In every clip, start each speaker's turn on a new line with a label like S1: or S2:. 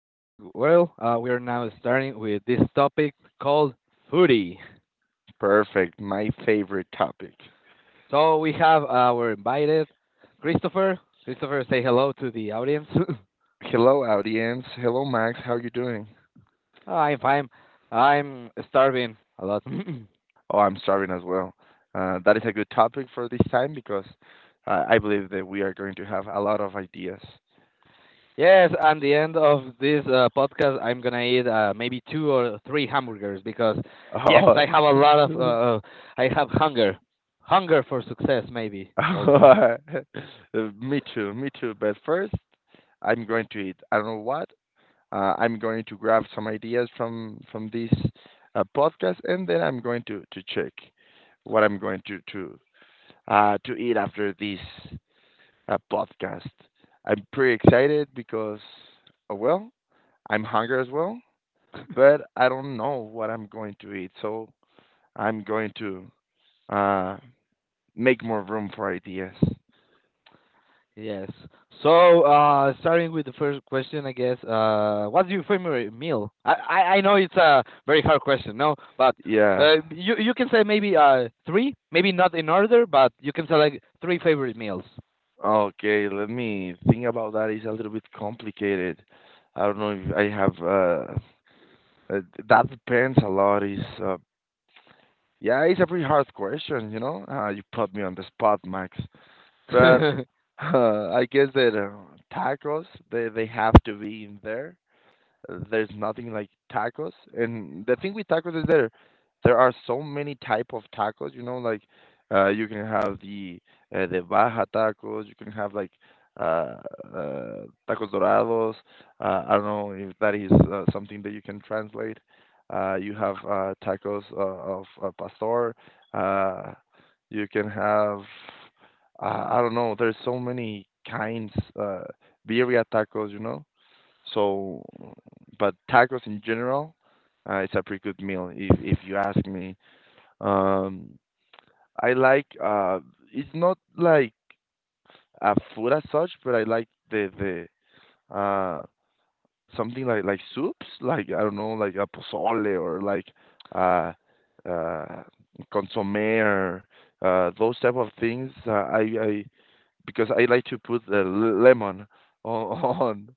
S1: We are now starting with this topic called foodie.
S2: Perfect. My favorite topic.
S1: So we have our invited Christopher. Christopher, say hello to the audience.
S2: Hello, audience. Hello, Max. How you doing?
S1: I'm fine. I'm starving a lot.
S2: Oh, I'm starving as well. That is a good topic for this time because I believe that we are going to have a lot of ideas.
S1: Yes, at the end of this podcast, I'm gonna eat maybe two or three hamburgers yes, I
S2: Oh,
S1: have a lot of. I have hunger, hunger for success, maybe also.
S2: me too, me too. But first, I'm going to eat. I don't know what. I'm going to grab some ideas from this podcast, and then I'm going to check what I'm going to eat after this podcast. I'm pretty excited because, well, I'm hungry as well, but I don't know what I'm going to eat. So I'm going to uh, make more room for ideas.
S1: Yes. So, starting with the first question, I guess, what's your favorite meal? I know it's a very hard question, no, but
S2: Yeah.
S1: you can say maybe three, maybe not in order, but you can select three favorite meals.
S2: Okay. Let me think about that. It's a little bit complicated. I don't know if I have. Uh, that depends a lot. Is Yeah, it's a pretty hard question. You put me on the spot, Max. But
S1: Hmm.
S2: I guess that tacos they have to be in there. There's nothing like tacos. And the thing with tacos is there are so many type of tacos, like you can have the baja tacos, you can have like uh, uh tacos dorados. I don't know if that is something that you can translate. You have tacos of pastor. Uh you can have, I don't know, there's so many kinds uh birria tacos. So, but tacos in general, it's a pretty good meal if you ask me. Um, I like, it's not like a food as such, but I like the something like soups, like, I don't know, like a pozole or like uh uh consomme or those type of things. I Because I like to put the lemon on on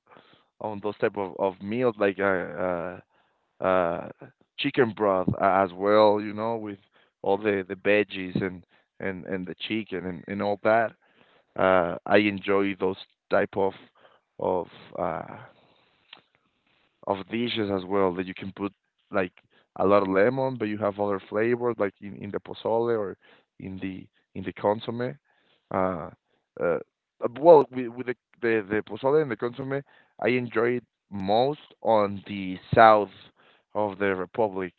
S2: on those type of meals, like, uh, chicken broth as well, you know, with all the veggies and the chicken and all that. I enjoy those type of of uh, of dishes as well that you can put like a lot of lemon, but you have other flavors like in the pozole or in the in the consomme. Uh, uh, well, with the pozole and the consomme, I enjoy it most on the south of the republic,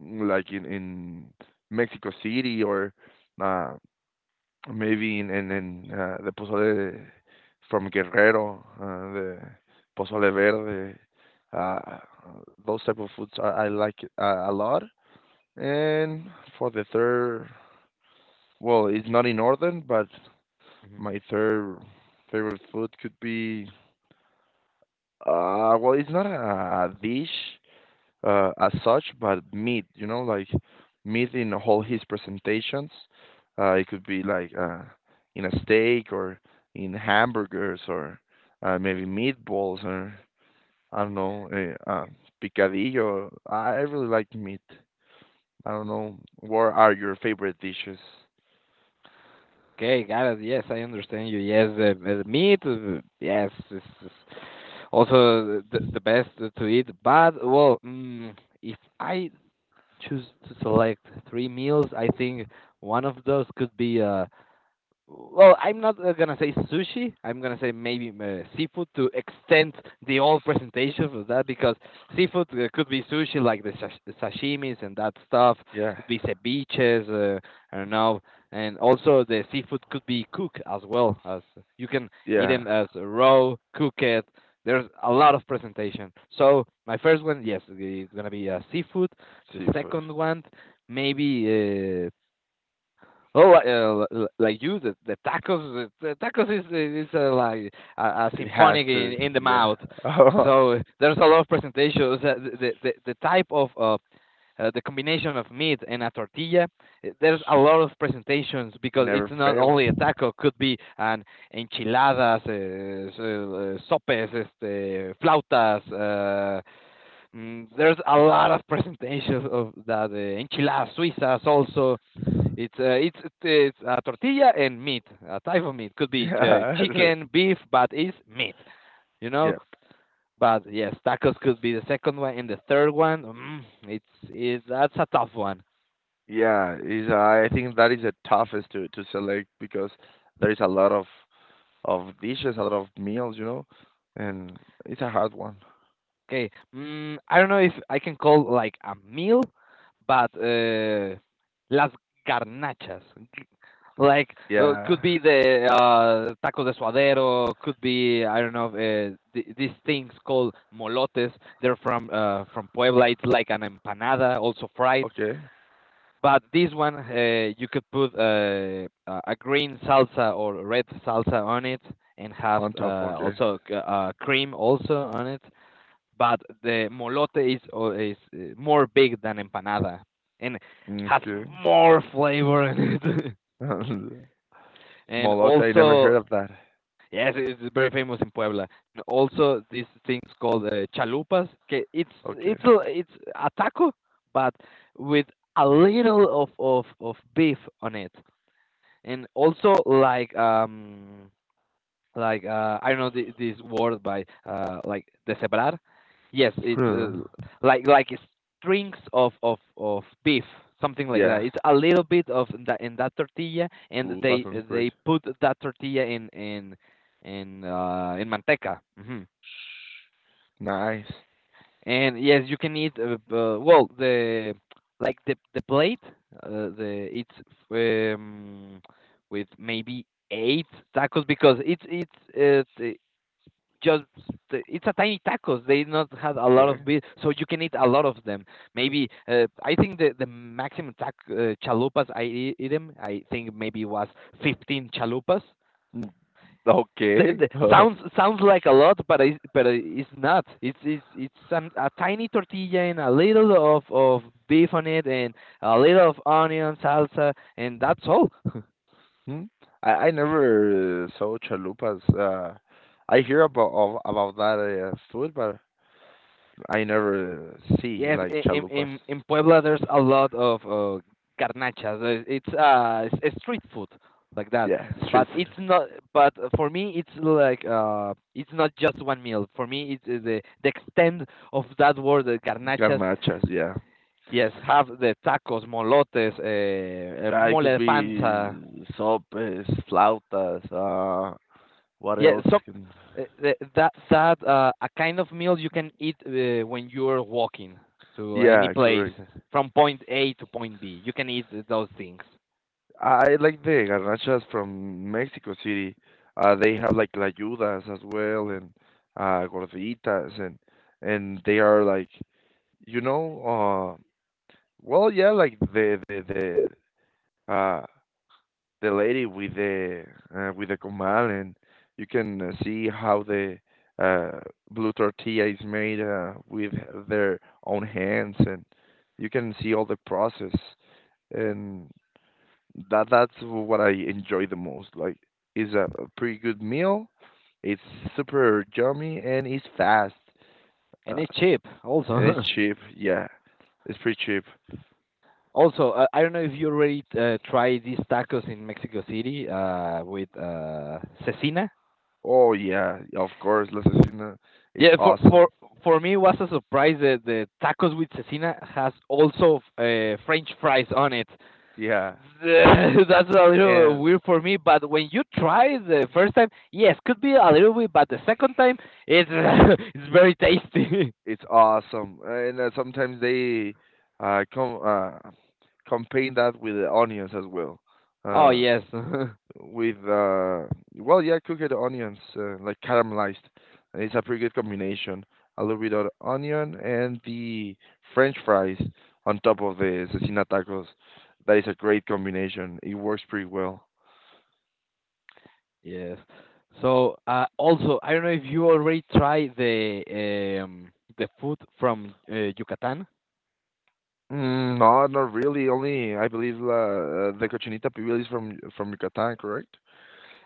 S2: like in Mexico City or, uh, maybe the pozole from Guerrero, the pozole verde, uh, those type of foods I like it a lot. And for the third, well, it's not in order, but my third favorite food could be, well, it's not a dish, as such, but meat, you know, like meat in all his presentations. It could be like, in a steak or in hamburgers or, maybe meatballs or, I don't know, uh, uh, picadillo. I really like meat. I don't know. What are your favorite dishes?
S1: Okay, got it. Yes, I understand you. Yes, the meat, yes, is also the best to eat. But well, mm, if I choose to select three meals, I think one of those could be well, I'm not gonna say sushi. I'm gonna say maybe seafood to extend the old presentation of that because seafood could be sushi, like the sashimis and that stuff.
S2: Yeah,
S1: Could be ceviches. I don't know. And also the seafood could be cooked as well as you can eat
S2: yeah,
S1: them as raw, cook it. There's a lot of presentation. So my first one, yes, it's gonna be seafood. The
S2: seafood.
S1: second one, maybe oh, like you, the tacos, the tacos is like a
S2: It has
S1: symphonic
S2: to.
S1: in the
S2: Yeah,
S1: mouth. So there's a lot of presentations. The the type of the combination of meat and a tortilla, there's a lot of presentations
S2: it
S1: because
S2: never
S1: it's not
S2: fails.
S1: only a taco. Could be an enchiladas, sopes, este, flautas. There's a lot of presentations of that enchiladas suizas also it's it's a tortilla and meat, a type of meat. Could be
S2: Yeah,
S1: chicken, beef, but it's meat, you know.
S2: yeah.
S1: But yes, tacos could be the second one, and the third one, mm, that's a tough one.
S2: Yeah, is I think that is the toughest to select because there is a lot of dishes, a lot of meals, and it's a hard one.
S1: Okay, mm, I don't know if I can call like a meal, but las garnachas. Like
S2: Yeah.
S1: could be the taco de suadero, could be I don't know these things called molotes. They're from Puebla. It's like an empanada, also fried.
S2: Okay.
S1: But this one you could put a green salsa or red salsa on it, and have
S2: On top. Okay.
S1: also cream also on it. But the molote is more big than empanada, and has
S2: Okay.
S1: more flavor in it. And
S2: Molota, I never
S1: also,
S2: heard of that.
S1: yes, it's very famous in Puebla. And also, these things called chalupas. Okay,
S2: Okay.
S1: it's a taco, but with a little of beef on it, and also like I don't know the, this word by like de separar. Yes, it's
S2: Huh.
S1: like strings of of beef, something like
S2: Yeah.
S1: that. It's a little bit of that in that tortilla, and
S2: Ooh, that sounds great.
S1: they put that tortilla in manteca. Hmm.
S2: Nice.
S1: And yes, you can eat well the like the plate. The it's um, with maybe eight tacos because it's just it's a tiny tacos. They not had a lot
S2: Okay.
S1: of beef, so you can eat a lot of them. Maybe I think the maximum tac chalupas I eat them. I think maybe was 15 chalupas.
S2: Mm, okay.
S1: Sounds sounds like a lot, but but it's not. It's some a tiny tortilla and a little of beef on it and a little of onion salsa and that's all.
S2: Hmm. I never saw chalupas. I hear about that food, but I never see
S1: Yes,
S2: like chalupas.
S1: in Puebla there's a lot of garnachas. Uh, it's it's a street food like that.
S2: Yeah, street
S1: But
S2: food.
S1: it's not. But for me, it's like it's not just one meal. For me, it's the extent of that word. The garnachas,
S2: Garnachas, yeah.
S1: yes, have the tacos, molotes,
S2: It
S1: mole
S2: could
S1: de
S2: be
S1: panza.
S2: sopes, flautas, what
S1: Yeah,
S2: else?
S1: so
S2: Can.
S1: that a kind of meal you can eat when you're walking to any
S2: Yeah,
S1: place
S2: correct.
S1: from point A to point B. You can eat those things,
S2: I like the garnachas from Mexico City. They have like layudas as well and, gorditas and they are like, you know uh well, yeah, like the uh the lady with the, with the comal, and you can, see how the, uh, blue tortilla is made, with their own hands, and you can see all the process, and that's what I enjoy the most. Like, it's a pretty good meal. It's super yummy and it's fast, uh,
S1: and it's cheap
S2: and it's
S1: also.
S2: cheap. Yeah, it's pretty cheap.
S1: Also, I don't know if you already tried these tacos in Mexico City with cecina.
S2: Oh, yeah, of course, La Cecina, it's
S1: Yeah,
S2: awesome.
S1: for me it was a surprise that the tacos with cecina has also French fries on it.
S2: Yeah,
S1: That's a little
S2: and
S1: weird for me. But when you try the first time, yes, could be a little bit, but the second time, it's it's very tasty.
S2: it's awesome, and sometimes they uh, com uh, combine that with the onions as well.
S1: Oh
S2: Uh,
S1: yes,
S2: with, well, yeah, cooked onions, like caramelized. It's a pretty good combination. A little bit of onion and the French fries on top of the cecina tacos. That is a great combination. It works pretty well.
S1: yes. So also, I don't know if you already tried the food from Yucatan.
S2: Mm, no, not really. Only I believe, the cochinita pibil is from Yucatan, correct?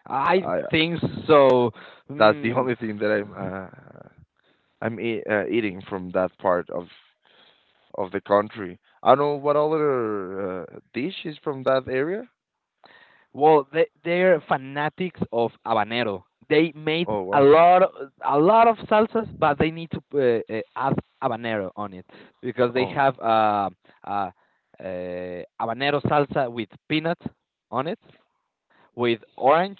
S1: I
S2: I
S1: think so.
S2: That's the
S1: Mm.
S2: only thing that I'm e eating from that part of the country. I don't know what other dish is from that area.
S1: Well, they they're fanatics of habanero. They made
S2: Oh, wow.
S1: a lot of salsas, but they need to add habanero on it because they
S2: Oh,
S1: have uh, habanero salsa with peanut on it, with orange,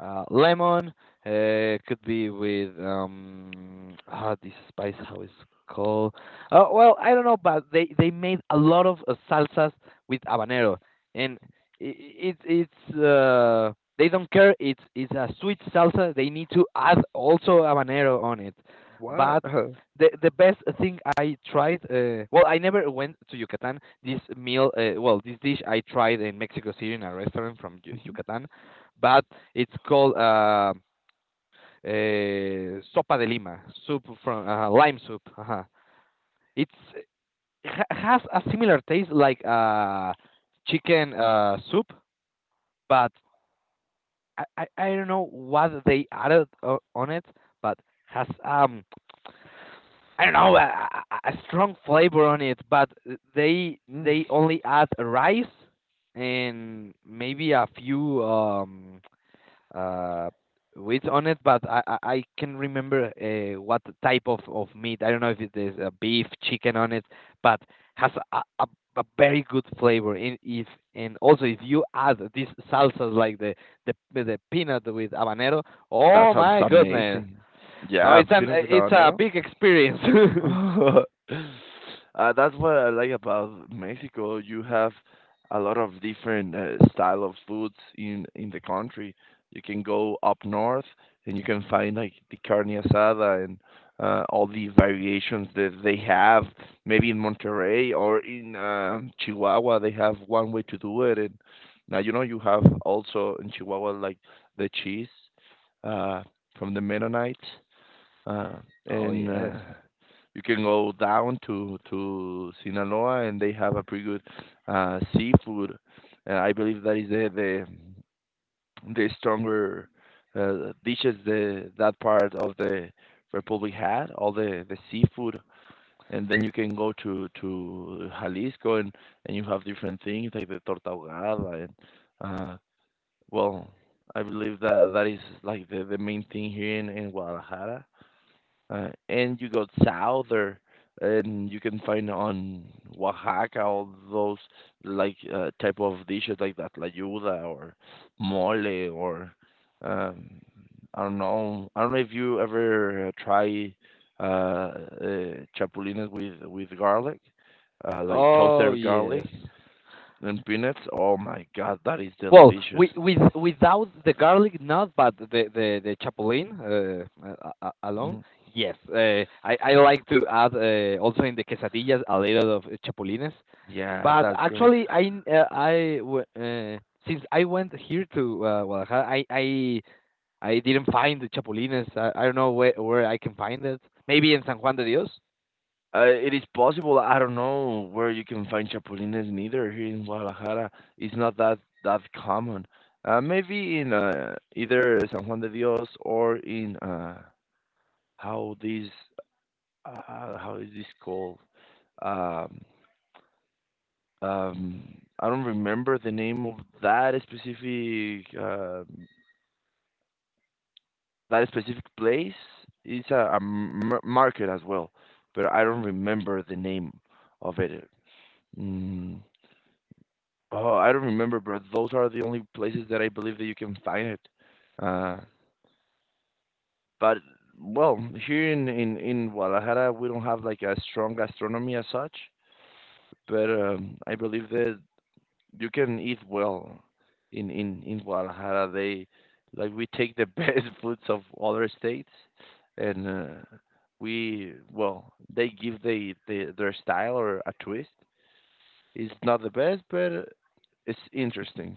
S1: lemon. Could be with this spice how it's called. Well, I don't know, but they made a lot of salsas with habanero, and i i- it's they don't care. It's a sweet salsa. They need to add also habanero on it,
S2: what?
S1: but the best thing I tried. Well, I never went to Yucatan. This meal, well, this dish I tried in Mexico City in a restaurant from Yucatan, but it's called sopa de lima, soup from lime soup. Uh-huh. It's ha has a similar taste like chicken soup, but I don't know what they added on it, but has I don't know a, strong flavor on it, but they
S2: Mm,
S1: they only add rice and maybe a few uh wheat on it, but I can remember what type of meat. I don't know if it is a beef, chicken on it, but has a very good flavor. And if and also if you add these salsas like the peanut with habanero,
S2: that
S1: oh
S2: sounds
S1: my goodness!
S2: amazing.
S1: No,
S2: Yeah, pino
S1: it's a
S2: habanero.
S1: big experience.
S2: uh, that's what I like about Mexico. You have a lot of different style of foods in the country. You can go up north and you can find like the carne asada and, all the variations that they have. Maybe in Monterrey or in, Chihuahua, they have one way to do it. And now you know you have also in Chihuahua like the cheese, uh, from the Mennonites uh,
S1: Oh
S2: and.
S1: yes.
S2: You can go down to Sinaloa, and they have a pretty good seafood. I believe that is the stronger dishes the that part of the republic had, all the seafood. And then you can go to Jalisco, and you have different things like the torta ahogada, and, uh, well, I believe that that is like the main thing here in Guadalajara. And you go south, or and you can find on Oaxaca all those like, type of dishes like that tlayuda or mole or, um, I don't know. I don't know if you ever try chapulines with garlic, like
S1: Oh
S2: toasted garlic
S1: yes.
S2: and peanuts. Oh my God, that is
S1: Well,
S2: delicious.
S1: we, with without the garlic not but the chapulín alone,
S2: Mhm.
S1: yes. I like to add also in the quesadillas a little of chapulines.
S2: Yeah,
S1: But
S2: that's great.
S1: actually, I n- I w- since I went here to Guadalajara, I didn't find the chapulines. I don't know where I can find it. Maybe in San Juan de Dios.
S2: It is possible. I don't know where you can find chapulines neither here in Guadalajara. It's not that common. Maybe in, either San Juan de Dios or in, how this how is this called? Um, I don't remember the name of that specific uh, that specific place. It's market as well, but I don't
S1: Mm.
S2: remember the name of it. Mm. Oh, I don't remember, bro. Those are the only places that I believe that you can find it. Uh, but well, here in Guadalajara, we don't have like a strong gastronomy as such. But, I believe that you can eat well in Guadalajara. They, we take the best foods of other states, and, we well they give they, the their style or a twist. It's not the best, but it's interesting.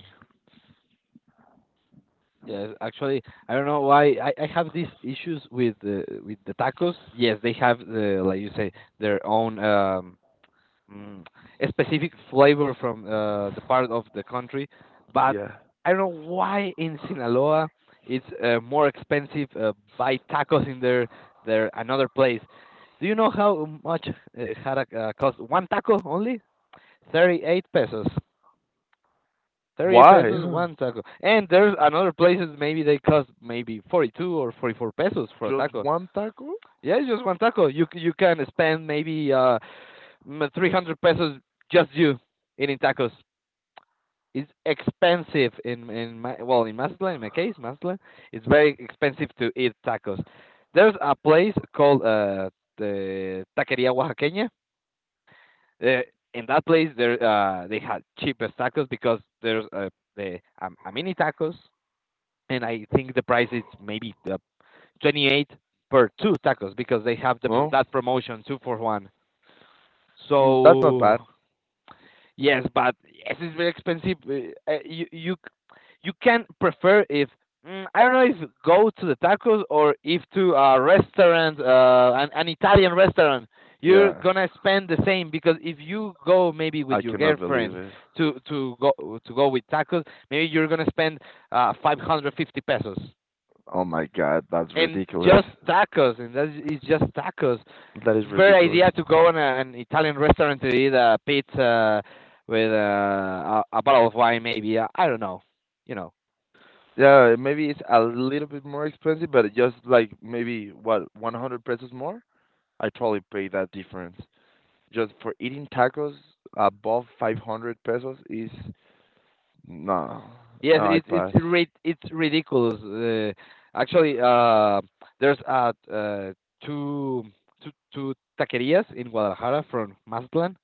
S1: Yes, actually, I don't know why I have these issues with the tacos. Yes, they have the like you say their own mm, a specific flavor from the part of the country, but
S2: Yeah.
S1: I don't know why in Sinaloa it's more expensive buy tacos in their another place. Do you know how much had a cost one taco only? 38 pesos. 38
S2: Why?
S1: pesos one taco. And there's another places maybe they cost maybe 42 or 44 pesos for a
S2: Just
S1: taco.
S2: one taco?
S1: Yeah, it's just one taco. You can spend maybe 300 pesos just you eating tacos. It's expensive in my well in Mazatlan in my case Mazatlan it's very expensive to eat tacos. There's a place called the Taqueria Oaxaqueña. Uh, in that place there they had cheapest tacos because there's a mini tacos and I think the price is maybe 28 per two tacos because they have
S2: No,
S1: that promotion two for one.
S2: mm, that's not bad.
S1: So yes, but yes, it's very expensive. You you can prefer if mm, I don't know if go to the tacos or if to a restaurant, an Italian restaurant. You're
S2: Yeah,
S1: gonna spend the same because if you go maybe with
S2: I
S1: your
S2: cannot believe
S1: girlfriend
S2: it.
S1: to to go to go with tacos, maybe you're gonna spend 550 pesos
S2: Oh my God, that's
S1: and
S2: ridiculous.
S1: just tacos, and that is just tacos.
S2: That is
S1: It's a very
S2: ridiculous.
S1: idea to go in a, an Italian restaurant to eat a pizza with a bottle of wine, maybe. I don't know, you know.
S2: Yeah, maybe it's a little bit more expensive, but just like maybe what, 100 pesos more? I totally pay that difference. Just for eating tacos above 500 pesos is, no,
S1: Yes,
S2: no, I pass.
S1: it's ridiculous. Actually, there's two two taquerias in Guadalajara from Mazatlan.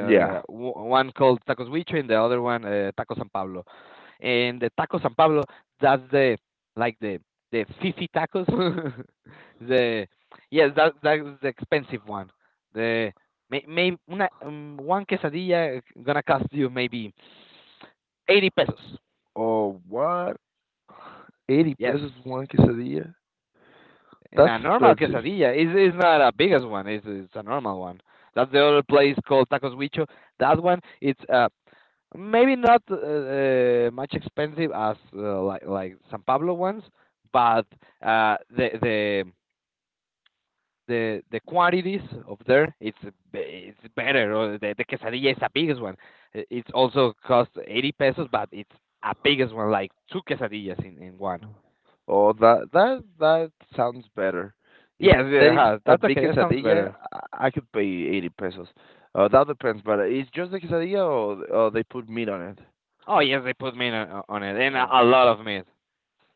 S2: Yeah.
S1: W one called Tacos Huicho and the other one Taco San Pablo. And the Taco San Pablo, that's the like the fifi tacos. The yes, that that's the expensive one. The one quesadilla gonna cost you maybe 80 pesos.
S2: Oh, what? 80
S1: Yes.
S2: pesos one quesadilla?
S1: And
S2: That's
S1: a normal
S2: expensive.
S1: quesadilla is not a biggest one. It's a normal one. That's the other place called Tacos Huicho. That one it's maybe not much expensive as like San Pablo ones, but uh the the the quantities of there it's it's better. Or the quesadilla is a biggest one. It's also cost 80 pesos, but it's a biggest one like two quesadillas in one.
S2: Oh, that sounds better. If
S1: Yes, yeah,
S2: there is
S1: uh-huh,
S2: a
S1: that's
S2: big
S1: okay. That sounds
S2: quesadilla,
S1: better.
S2: I could pay 80 pesos. That depends, but it's just the quesadilla, or they put meat on it?
S1: Oh yes, they put meat on it, and
S2: Oh,
S1: a lot of meat.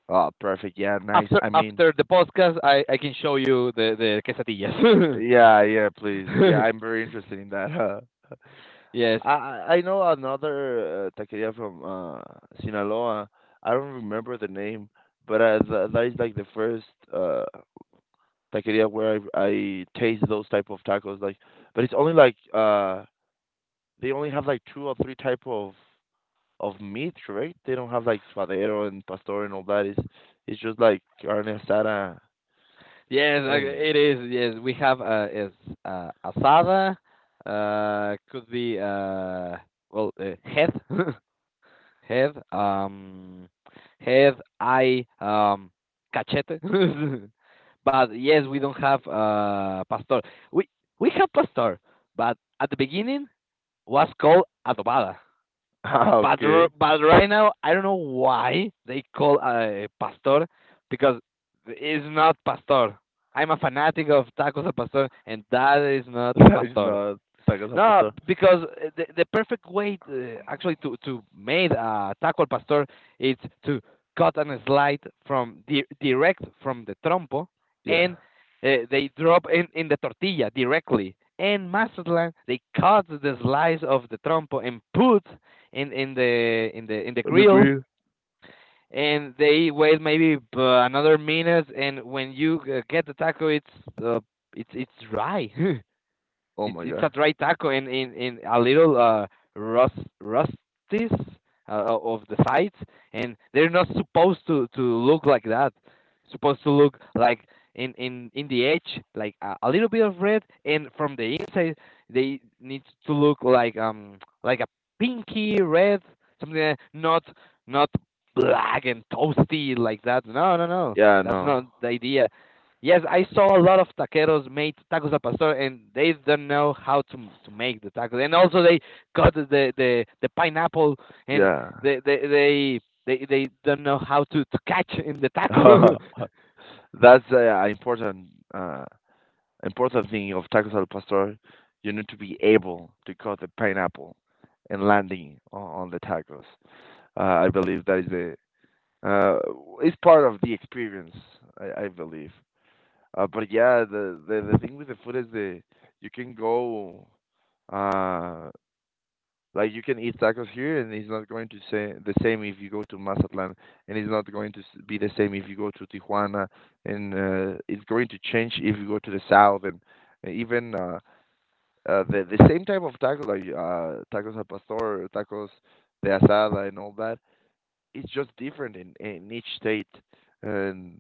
S2: oh, perfect. Yeah, nice.
S1: After
S2: I mean,
S1: after the podcast, I can show you the quesadillas.
S2: yeah, yeah, please. Yeah, I'm very interested in that. Uh,
S1: yes,
S2: I I I know another taqueria from, Sinaloa. I don't remember the name, but, th that is like the first. Uh, Taqueria where I taste those type of tacos. Like, but it's only like, they only have like two or three type of meat, right? They don't have like suadero and pastor and all that. It's just like carne asada
S1: yes,
S2: and
S1: it is. Yes, we have is asada. Could be head, head, head, eye, cachete. But yes, we don't have pastor. We we have pastor, but at the beginning was called adobada.
S2: ah,
S1: But
S2: okay,
S1: but right now I don't know why they call pastor because it's not pastor. I'm a fanatic of tacos al pastor, and that is not
S2: that is
S1: pastor.
S2: not tacos al
S1: No,
S2: pastor.
S1: because the perfect way actually to make a taco al pastor is to cut and slide from direct from the trompo,
S2: Yeah,
S1: and they drop in the tortilla directly. And Mazatlan, they cut the slice of the trompo and put in the
S2: look
S1: grill,
S2: weird.
S1: and they wait maybe another minute. And when you get the taco, it's uh, it's dry.
S2: Oh
S1: It's
S2: my
S1: it's
S2: God.
S1: a dry taco and in a little rust rusties of the sides, and they're not supposed to look like that. Supposed to look like in the edge, like a little bit of red, and from the inside they need to look like a pinky red, something like that, not not black and toasty like that. No, no, no.
S2: Yeah,
S1: That's not
S2: no.
S1: the idea. Yes, I saw a lot of taqueros made tacos al pastor, and they don't know how to make the tacos. And also, they cut the pineapple, and
S2: Yeah.
S1: they they they they don't know how to catch in the taco.
S2: That's important. Uh, Important thing of tacos al pastor, you need to be able to cut the pineapple and landing on the tacos. I believe that is the uh, it's part of the experience. I believe. But yeah, the thing with the food is the. You can go uh like you can eat tacos here and it's not going to say the same if you go to Mazatlan, and it's not going to be the same if you go to Tijuana, and it's going to change if you go to the south, and even the same type of tacos, like tacos al pastor, tacos de asada, and all that. It's just different in each state, and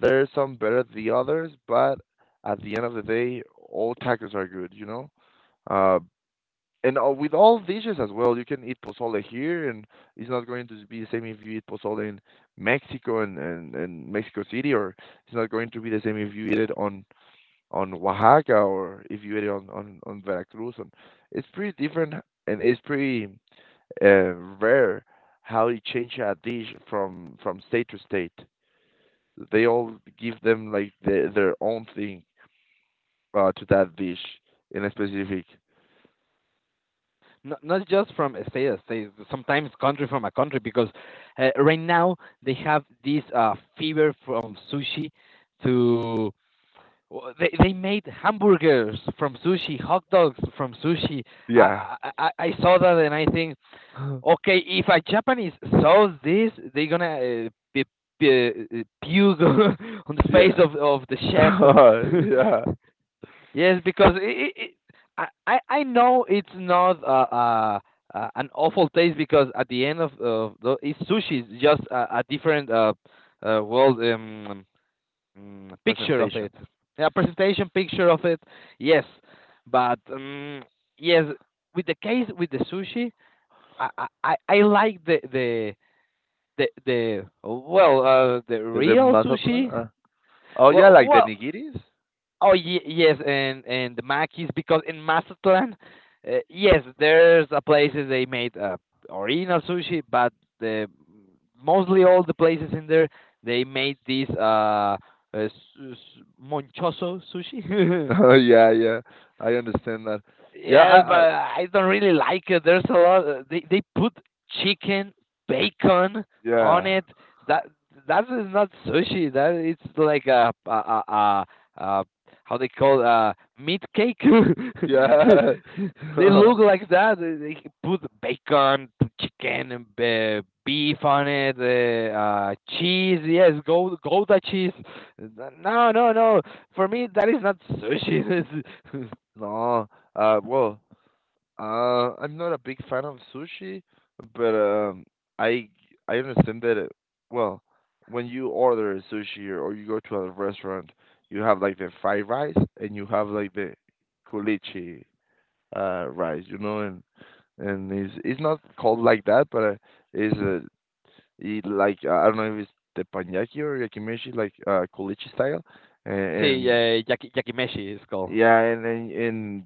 S2: there are some better than the others. But at the end of the day, all tacos are good, you know. Uh, and with all dishes as well, you can eat pozole here, and it's not going to be the same if you eat pozole in Mexico and Mexico City, or it's not going to be the same if you eat it on Oaxaca, or if you eat it on Veracruz, and it's pretty different, and it's pretty uh, rare how you change a dish from state to state. They all give them like their own thing to that dish in a specific.
S1: Not not just from a state to state, sometimes country from a country, because right now they have this fever from sushi to. They made hamburgers from sushi, hot dogs from sushi.
S2: Yeah,
S1: I saw that and I think, okay, if a Japanese saw this, they're gonna be, puke on the face
S2: yeah,
S1: of the chef.
S2: yeah.
S1: Yes, because it, I know it's not an awful taste because at the end of the, it's sushi. It's just a different world picture of
S2: Presentation.
S1: it, a presentation picture of it. Yes, but yes, with the case with the sushi I I like the
S2: The
S1: real
S2: Mazatlan.
S1: sushi.
S2: Oh yeah,
S1: Well
S2: like the
S1: well
S2: nigiris.
S1: oh yes, and the makis because in Mazatlan yes there's a places they made original sushi, but the mostly all the places in there they made this s- monchoso sushi.
S2: Yeah, yeah. I understand that. Yeah,
S1: Yes, but
S2: I
S1: I don't really like it. There's a lot. They put chicken, bacon on
S2: yeah.
S1: it. That that is not sushi. That it's like a how they call meat cake.
S2: Yeah.
S1: They look like that. They put bacon, put chicken, and beef on it, cheese. Yes, go Gouda cheese. No, no, no. For me, that is not sushi. This is-
S2: No, well, uh, I'm not a big fan of sushi, but I I understand that it, well, when you order sushi or you go to a restaurant, you have like the fried rice and you have like the kulichi rice, you know, and it's not called like that, but it's it like I don't know if it's teppanyaki or yakimishi, like kulichi style,
S1: See,
S2: and,
S1: yakimeshi is called.
S2: yeah, and and,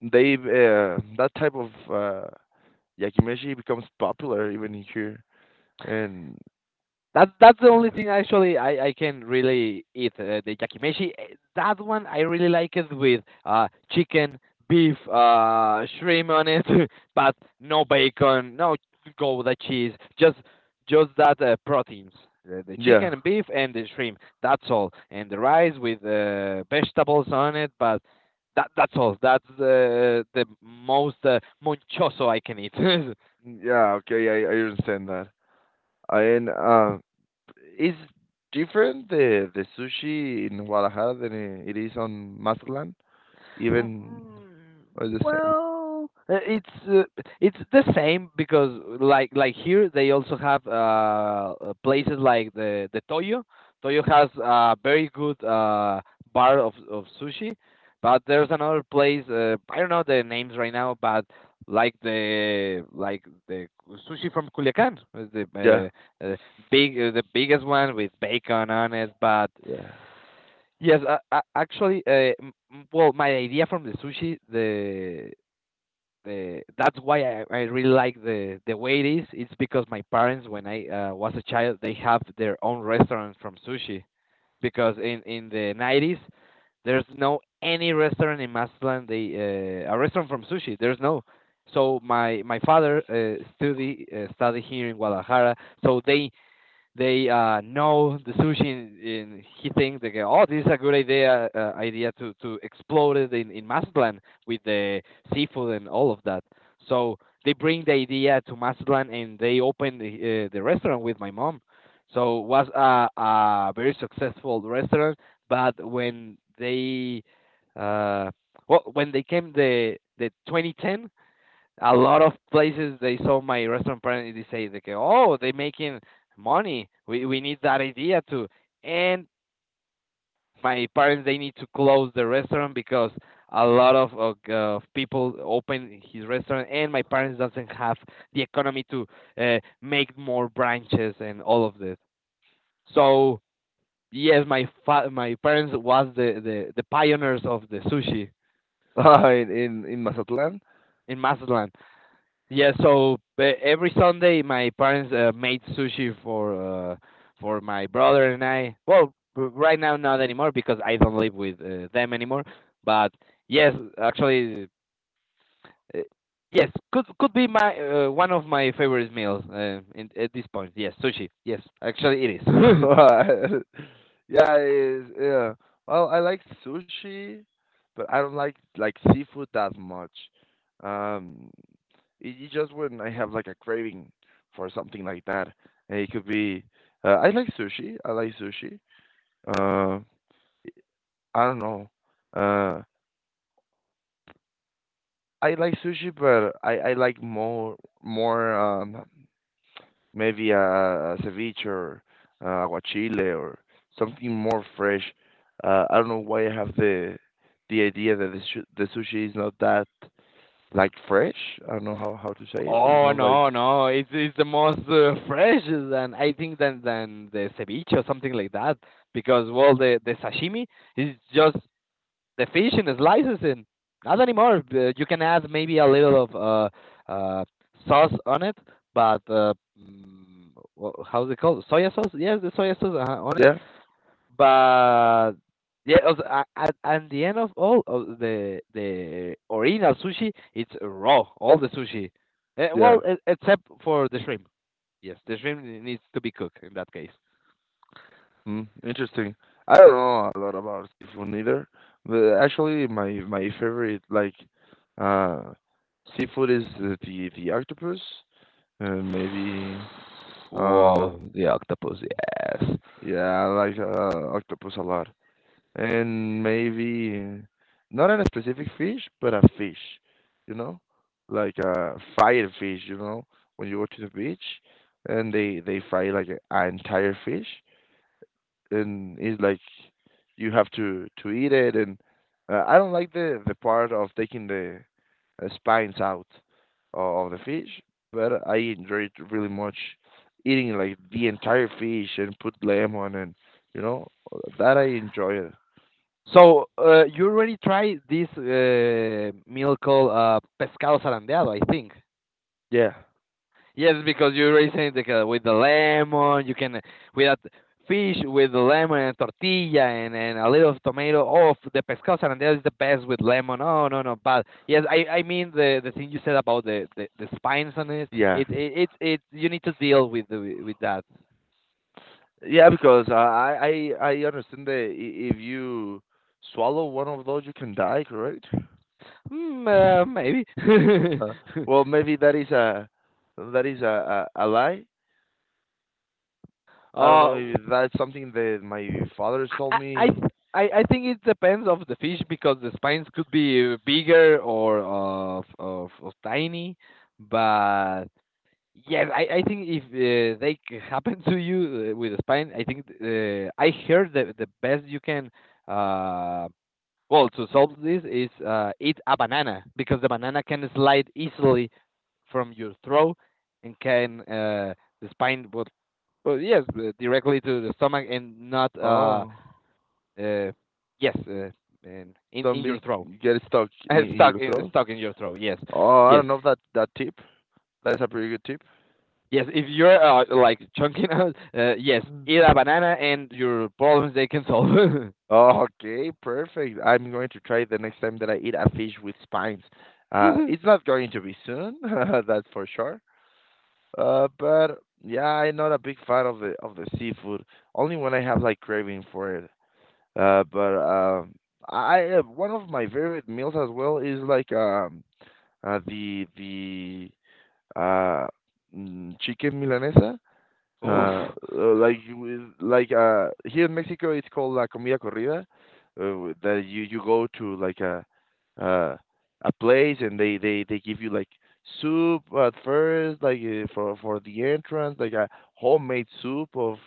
S2: and they that type of yakimeshi becomes popular even here. And
S1: That's the only thing actually I can really eat the yakimeshi. Eh, that one I really like it with chicken, beef, shrimp on it, but no bacon, no go cheese, just just that proteins, the
S2: yeah,
S1: chicken and beef and the shrimp. That's all, and the rice with vegetables on it, but that that's all. That's the most monchoso I can eat.
S2: yeah, okay, I understand that. And is different the sushi in Guadalajara than it is on Mazatlan? Even
S1: Mm,
S2: or the same?
S1: well, it's the same because like here they also have places like the Toyo. Toyo has a very good bar of sushi, but there's another place, I don't know the names right now, but like the sushi from Culiacan, the
S2: Yeah,
S1: big the biggest one with bacon on it. But
S2: yeah.
S1: yes, actually, well, my idea from the sushi, the that's why I really like the way it is. It's because my parents, when I was a child, they have their own restaurant from sushi. Because in the 90s, there's no any restaurant in Mazatlán. They a restaurant from sushi. There's no. So my father study here in Guadalajara. So they know the sushi in he thinks they go, oh, this is a good idea to explode it in Mazatlan with the seafood and all of that. So they bring the idea to Mazatlan and they open the restaurant with my mom. So it was a very successful restaurant, but when they uh, when they came the 2010, a lot of places they saw my restaurant brand they say like, oh, they're making money, we need that idea too. And my parents they need to close the restaurant because a lot people open his restaurant and my parents doesn't have the economy to make more branches and all of this. So yes, my parents was the pioneers of the sushi
S2: in Mazatlan.
S1: in Mazatlan. Yeah, so every Sunday my parents made sushi for my brother and I. Well, right now not anymore because I don't live with them anymore. But yes, actually, uh, yes, could be my one of my favorite meals at this point. Yes, sushi. Yes, actually it is.
S2: Yeah, it is. Yeah. Well, I like sushi, but I don't like seafood that much. Um, it, it just when I have like a craving for something like that, and it could be. I like sushi. I like sushi. Uh, I don't know. Uh, I like sushi, but I like more more maybe a ceviche or aguachile or something more fresh. I don't know why I have the idea that the sushi is not that like fresh. I don't know how to say it. It's
S1: Oh
S2: not like
S1: no, no! It's the most fresh than I think than the ceviche or something like that because well the sashimi is just the fishing is licensing. Not anymore. You can add maybe a little of sauce on it, but mm, how's it called? Soya sauce? Yes, the soya sauce on it.
S2: yeah
S1: But yeah, also, at the end of all of the original sushi, it's raw. All the sushi,
S2: yeah.
S1: well, except for the shrimp. Yes, the shrimp needs to be cooked in that case.
S2: Mm, interesting. I don't know a lot about seafood neither, but actually my favorite like uh seafood is the octopus and maybe uh
S1: Wow, the octopus, yes.
S2: yeah, I like octopus a lot. And maybe not a specific fish, but a fish, you know? Like a fried fish, you know, when you go to the beach and they fry like an entire fish, and it's like you have to eat it, and I don't like the part of taking the spines out of the fish, but I enjoy it really much, eating like the entire fish and put lemon, and you know that I enjoy it.
S1: So, you already tried this meal called pescado zarandeado, I think.
S2: Yeah,
S1: Yes, because you already said like, with the lemon, you can with that fish with the lemon and tortilla and a little of tomato. Oh, the pescado zarandeado is the best with lemon. Oh no no, but yes, I mean the thing you said about the spines on it.
S2: yeah,
S1: It you need to deal with with that.
S2: yeah. Because I understand that if you swallow one of those, you can die. Correct?
S1: Hmm, maybe.
S2: Uh, well, maybe that is a that is a lie. I don't
S1: Uh,
S2: know if that's something that my father's told
S1: I I
S2: me.
S1: I think it depends of the fish because the spines could be bigger or of tiny, but yes, I think if they happen to you with a spine, I think I heard that the best you can uh well to solve this is eat a banana because the banana can slide easily from your throat and can the spine would, well yes, directly to the stomach and not
S2: Oh,
S1: uh, yes, in,
S2: don't
S1: in your
S2: be
S1: throat.
S2: get stuck in your throat.
S1: Stuck in your throat. Yes,
S2: Oh, I
S1: yes,
S2: don't know if that that tip. That's a pretty good tip.
S1: yes. If you're like chunking out, yes,
S2: Mm.
S1: eat a banana and your problems they can solve.
S2: Oh, okay, perfect. I'm going to try it the next time that I eat a fish with spines.
S1: Oof.
S2: It's not going to be soon, that's for sure. But yeah, I'm not a big fan of the seafood. Only when I have like craving for it. But I one of my favorite meals as well is like Uh, the the uh, chicken milanesa. Uh, like you like here in Mexico it's called la comida corrida, that you go to like uh a place, and they give you like soup at first, like for the entrance, like a homemade soup of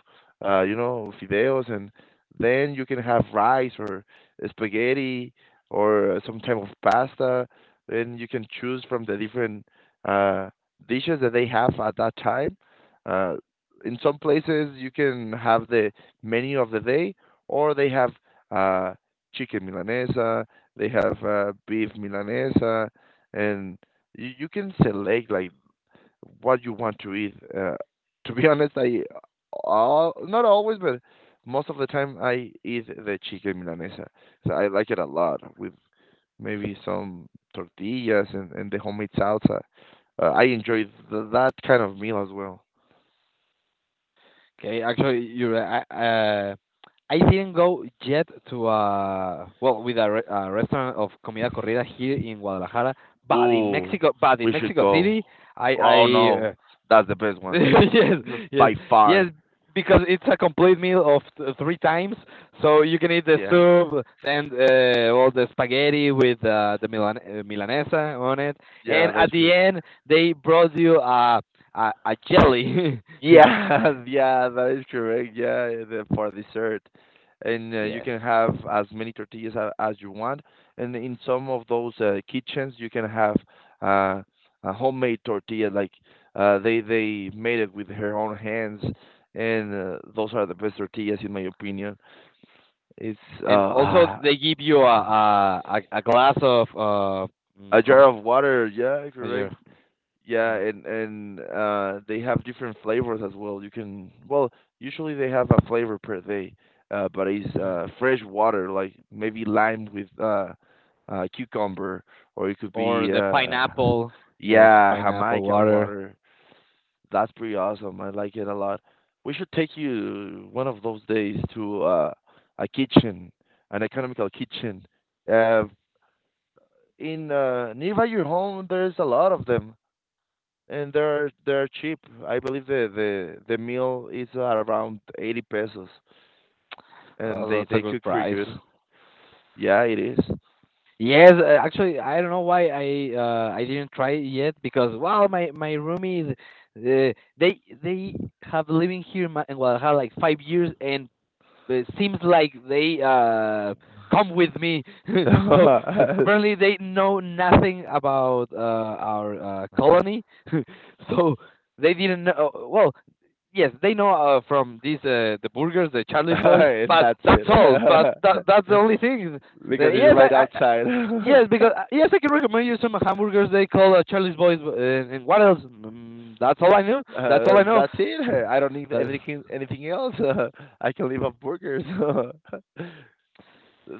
S2: you know fideos, and then you can have rice or spaghetti or some type of pasta, then you can choose from the different uh dishes that they have at that time. Uh, in some places you can have the menu of the day, or they have uh, chicken milanesa, they have beef milanesa, and you can select like what you want to eat. To be honest, I all, not always, but most of the time I eat the chicken milanesa. So I like it a lot with maybe some tortillas and the homemade salsa. I enjoy that kind of meal as well.
S1: Okay, actually, you're. I didn't go yet to well with a, a restaurant of comida corrida here in Guadalajara,
S2: Ooh,
S1: But in
S2: we should
S1: Mexico
S2: go.
S1: City, I
S2: Oh no, that's the best one
S1: yes, yes,
S2: by
S1: yes,
S2: far.
S1: because it's a complete meal of three times. So you can eat the
S2: Yeah,
S1: soup and all the spaghetti with milanesa on it.
S2: yeah,
S1: And
S2: that's
S1: at the
S2: great.
S1: end, they brought you a jelly.
S2: Yeah, yeah, that is correct. Yeah, eh, the, for dessert, and you
S1: Yes,
S2: can have as many tortillas as you want. And in some of those kitchens, you can have uh, a homemade tortilla, like they made it with her own hands, and those are the best tortillas, in my opinion. It's
S1: and also
S2: uh,
S1: they give you a glass of
S2: A
S1: of
S2: jar of water, yeah,
S1: yeah,
S2: correct. Yeah,
S1: mm,
S2: and they have different flavors as well. You can well, usually they have a flavor per day, but it's
S1: mm.
S2: fresh water, like maybe lime with cucumber, or it could
S1: Or
S2: be
S1: the pineapple. Yes,
S2: yeah,
S1: pineapple
S2: Jamaica
S1: water.
S2: water. That's pretty awesome. I like it a lot. We should take you one of those days to a kitchen, an economical kitchen. Uh, in nearby your home there's a lot of them, and they're cheap. I believe the meal is around 80 pesos, and
S1: Oh, that's a
S2: they
S1: good
S2: cook pretty
S1: price.
S2: good. Yeah it is.
S1: Yes, actually, I don't know why I didn't try it yet because well, my roomies, they have living here in, in Guadalajara like 5 years, and it seems like they come with me. So
S2: And
S1: apparently they know nothing about our colony, so they didn't know. Well, yes, they know from the burgers, the Charlie's Boys, but
S2: that's
S1: that's all. But
S2: it.
S1: that that's the only thing.
S2: Because it's
S1: Yes,
S2: right
S1: I,
S2: outside.
S1: Yes, because yes, I can recommend you some hamburgers they call Charlie's Boys. And what else? That's all I know. That's all I know.
S2: That's it. I don't need
S1: That's
S2: anything anything else. I can live off burgers.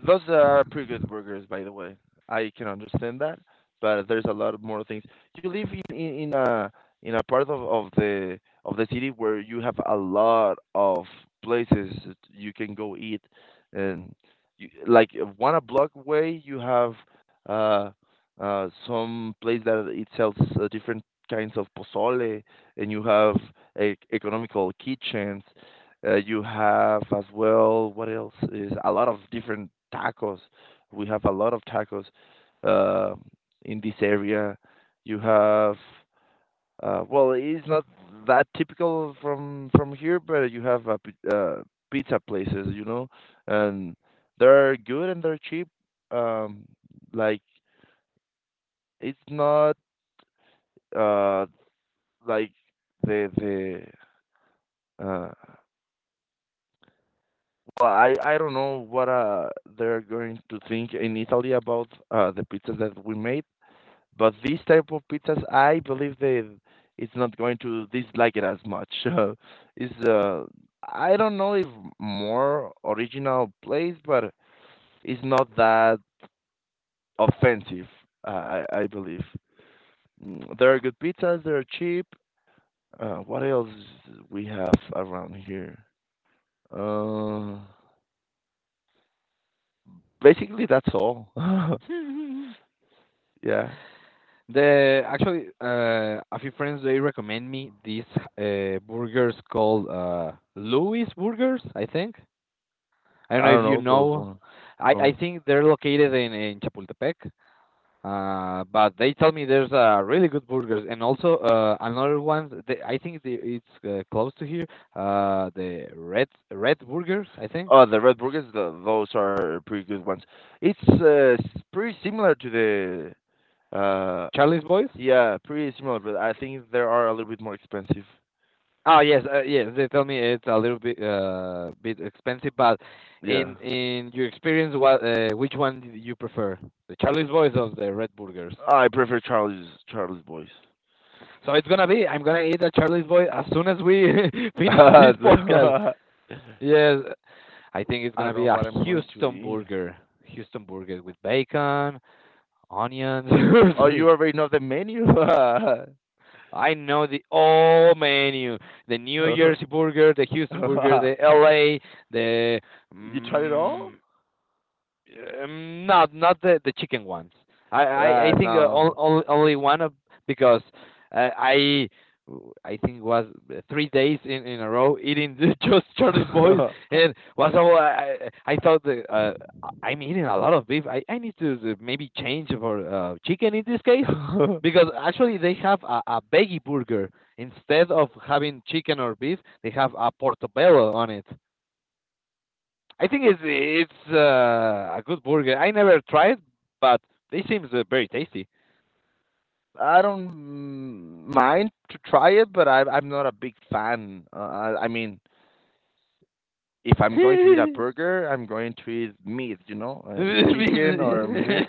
S2: Those are pretty good burgers, by the way. I can understand that, but there's a lot more things. You live in a part of the city where you have a lot of places that you can go eat, and like one a block away you have uh, some place that it sells different kinds of pozole, and you have e economical kitchens, you have as well, what else is a lot of different tacos. We have a lot of tacos uh, in this area. You have, well, it's not that typical from here, but you have pizza places, you know, and they're good and they're cheap. Um, like it's not uh like the the Well, I don't know what they're going to think in Italy about the pizza that we made, but this type of pizzas, I believe they it's not going to dislike it as much. It's I don't know if more original place, but it's not that offensive. I believe they're good pizzas. They're cheap. What else we have around here? Uh, basically that's all. Yeah.
S1: the actually A few friends they recommend me these burgers called Louis Burgers, I think. I don't know
S2: I
S1: if
S2: don't
S1: you
S2: know
S1: know.
S2: those ones.
S1: I
S2: No.
S1: think they're located in Chapultepec. But they tell me there's really good burgers, and also another one. I think it's close to here. The Red Burgers, I think.
S2: Oh, the red burgers, the, those are pretty good ones. Pretty similar to the uh
S1: Charlie's Boys.
S2: yeah, pretty similar, but I think they are a little bit more expensive.
S1: Oh yes, yes. They tell me it's a little bit expensive, but in
S2: Yeah.
S1: in your experience, what which one do you prefer? The Charlie's Boys or the Red Burgers?
S2: I prefer Charlie's Boys.
S1: So it's gonna be. I'm gonna eat a Charlie's Boy as soon as we finish this podcast.
S2: So,
S1: Yes, I think it's
S2: I
S1: gonna
S2: don't
S1: be
S2: know
S1: a
S2: what I'm going to
S1: Houston
S2: eat.
S1: burger. Houston burger with bacon, onions.
S2: Oh, you already know the menu?
S1: I know the all menu: the New Jersey burger, the Houston burger, the LA, the
S2: You tried it all?
S1: mm, not the chicken ones. I
S2: Ah,
S1: think
S2: no.
S1: only only one of, because I think was 3 days in a row eating just Charlie's Boys, and was all. I thought I- I'm eating a lot of beef. I need to maybe change for chicken in this case, because actually they have a veggie burger instead of having chicken or beef. They have a portobello on it. I think it's a good burger. I never tried, but they seems very tasty.
S2: I don't mind to try it, but I'm not a big fan. I mean, if I'm going to eat a
S1: you
S2: burger, I'm going to eat meat, you know, eat chicken or meat.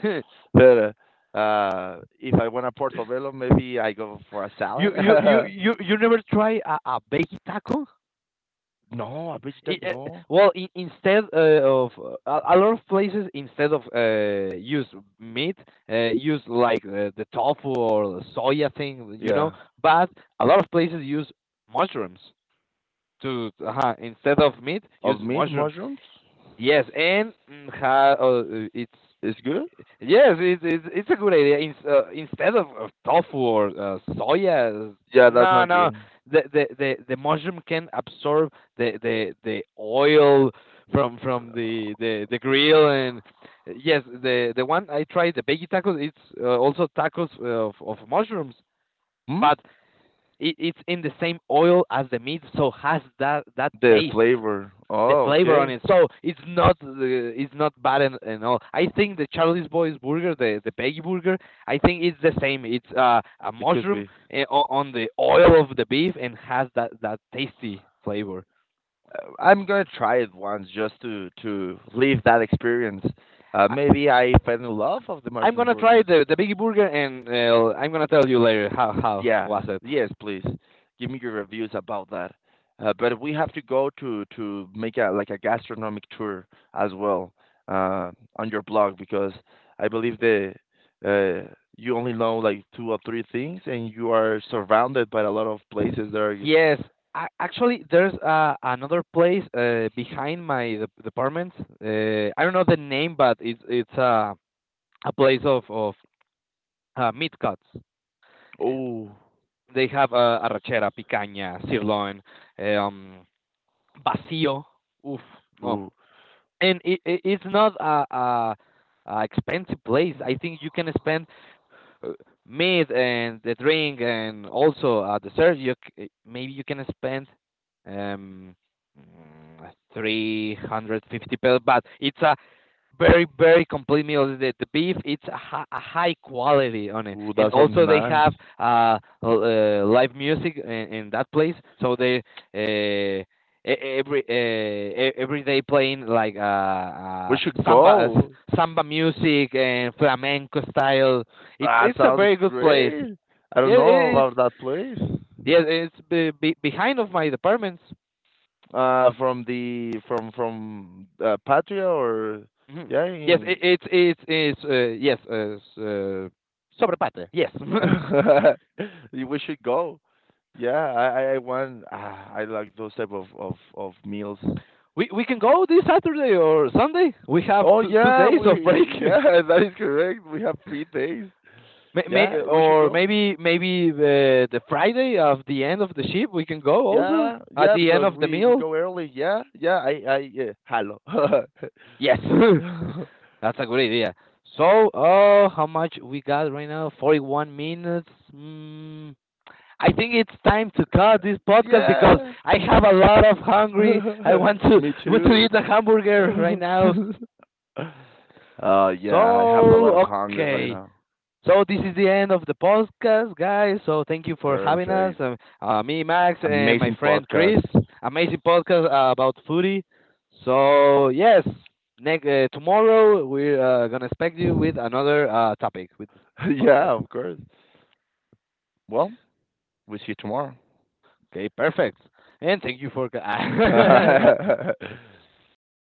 S2: But if I want a portobello, maybe I go for a salad.
S1: you you never try a baked taco?
S2: No, a vegetarian, no.
S1: Well, instead of a lot of places, instead of use meat, use like the tofu or soya thing, you know.
S2: Yeah,
S1: But a lot of places use mushrooms to, instead of meat,
S2: of
S1: use
S2: meat,
S1: mushrooms.
S2: mushrooms
S1: Yes, and mm, ha, it's
S2: is good.
S1: yes, it's a good idea. Instead of tofu or soya,
S2: Yeah, that's
S1: no,
S2: not
S1: no,
S2: good.
S1: the mushroom can absorb the oil from the grill, and yes, the one I tried, the veggie tacos. It's also tacos of mushrooms,
S2: Hmm?
S1: but it, it's in the same oil as the meat, so has that
S2: The
S1: taste,
S2: flavor.
S1: the
S2: Oh,
S1: flavor on
S2: okay.
S1: it. So it's not the, it's not bad and all. I think the Charlie's Boys burger, the Peggy burger, I think it's the same. It's a
S2: It could
S1: mushroom
S2: be.
S1: uh, on the oil of the beef, and has that tasty flavor.
S2: I'm gonna try it once, just to live that experience.
S1: I,
S2: Maybe I fell in love of the
S1: I'm
S2: mushroom
S1: gonna try
S2: burgers.
S1: the Biggie burger, and I'm gonna tell you later how
S2: Yeah,
S1: was it.
S2: yes, please give me your reviews about that. But we have to go to make a like a gastronomic tour as well uh, on your blog, because I believe the you only know like two or three things, and you are surrounded by a lot of places that are
S1: Yes, I, actually, there's another place behind my department. I don't know the name, but it's a place of meat cuts. Uh,
S2: oh,
S1: They have arrachera, picaña, sirloin, um, vacío. Oof, no.
S2: ooh,
S1: And it's not a expensive place. I think you can spend uh, meat and the drink, and also dessert. Maybe you can spend um, 350 pesos, but it's a very very complete meal. The beef it's a, a high quality on it,
S2: ooh,
S1: and
S2: that sounds
S1: also they
S2: nice.
S1: have live music in that place. So they uh, e- every every day playing like
S2: We should
S1: samba,
S2: go.
S1: samba music, and flamenco style. It's
S2: That
S1: it's a
S2: sounds
S1: very good place.
S2: great. I
S1: Yeah,
S2: don't know
S1: it, it's
S2: about that place.
S1: yeah, it's behind of my departments.
S2: From the from Patria, or
S1: Hmm.
S2: yeah,
S1: Yes,
S2: in,
S1: it, it's yes, Sobrepate, yes.
S2: we should go. Yeah, I want. Ah, I like those type of meals.
S1: We can go this Saturday or Sunday. We have
S2: Oh
S1: two
S2: yeah,
S1: days of
S2: we
S1: break.
S2: yeah that is correct. We have 3 days. Yeah,
S1: May,
S2: we should
S1: or
S2: go.
S1: maybe maybe the Friday of the end of the ship we can go also,
S2: Yeah,
S1: at
S2: yeah,
S1: the end
S2: because
S1: of the
S2: we
S1: meal.
S2: go early. Yeah, yeah. I yeah. Hello.
S1: Yes, that's a good idea. So, how much we got right now? 41 minutes. Mm, I think it's time to cut this podcast, because
S2: yeah.
S1: I have a lot of hungry.
S2: Me
S1: I want to
S2: too.
S1: eat a hamburger right now.
S2: Yeah, I have a lot of
S1: So
S2: hunger right
S1: okay,
S2: now.
S1: so this is the end of the podcast, guys. So thank you for having us.
S2: Perfect.
S1: Me, Max, and my
S2: Amazing
S1: friend Chris.
S2: podcast.
S1: Amazing podcast about foodie. So yes, next tomorrow we're gonna expect you with another topic with
S2: Yeah,
S1: podcast.
S2: of course. Well, we see you tomorrow.
S1: Okay, perfect. And thank you for.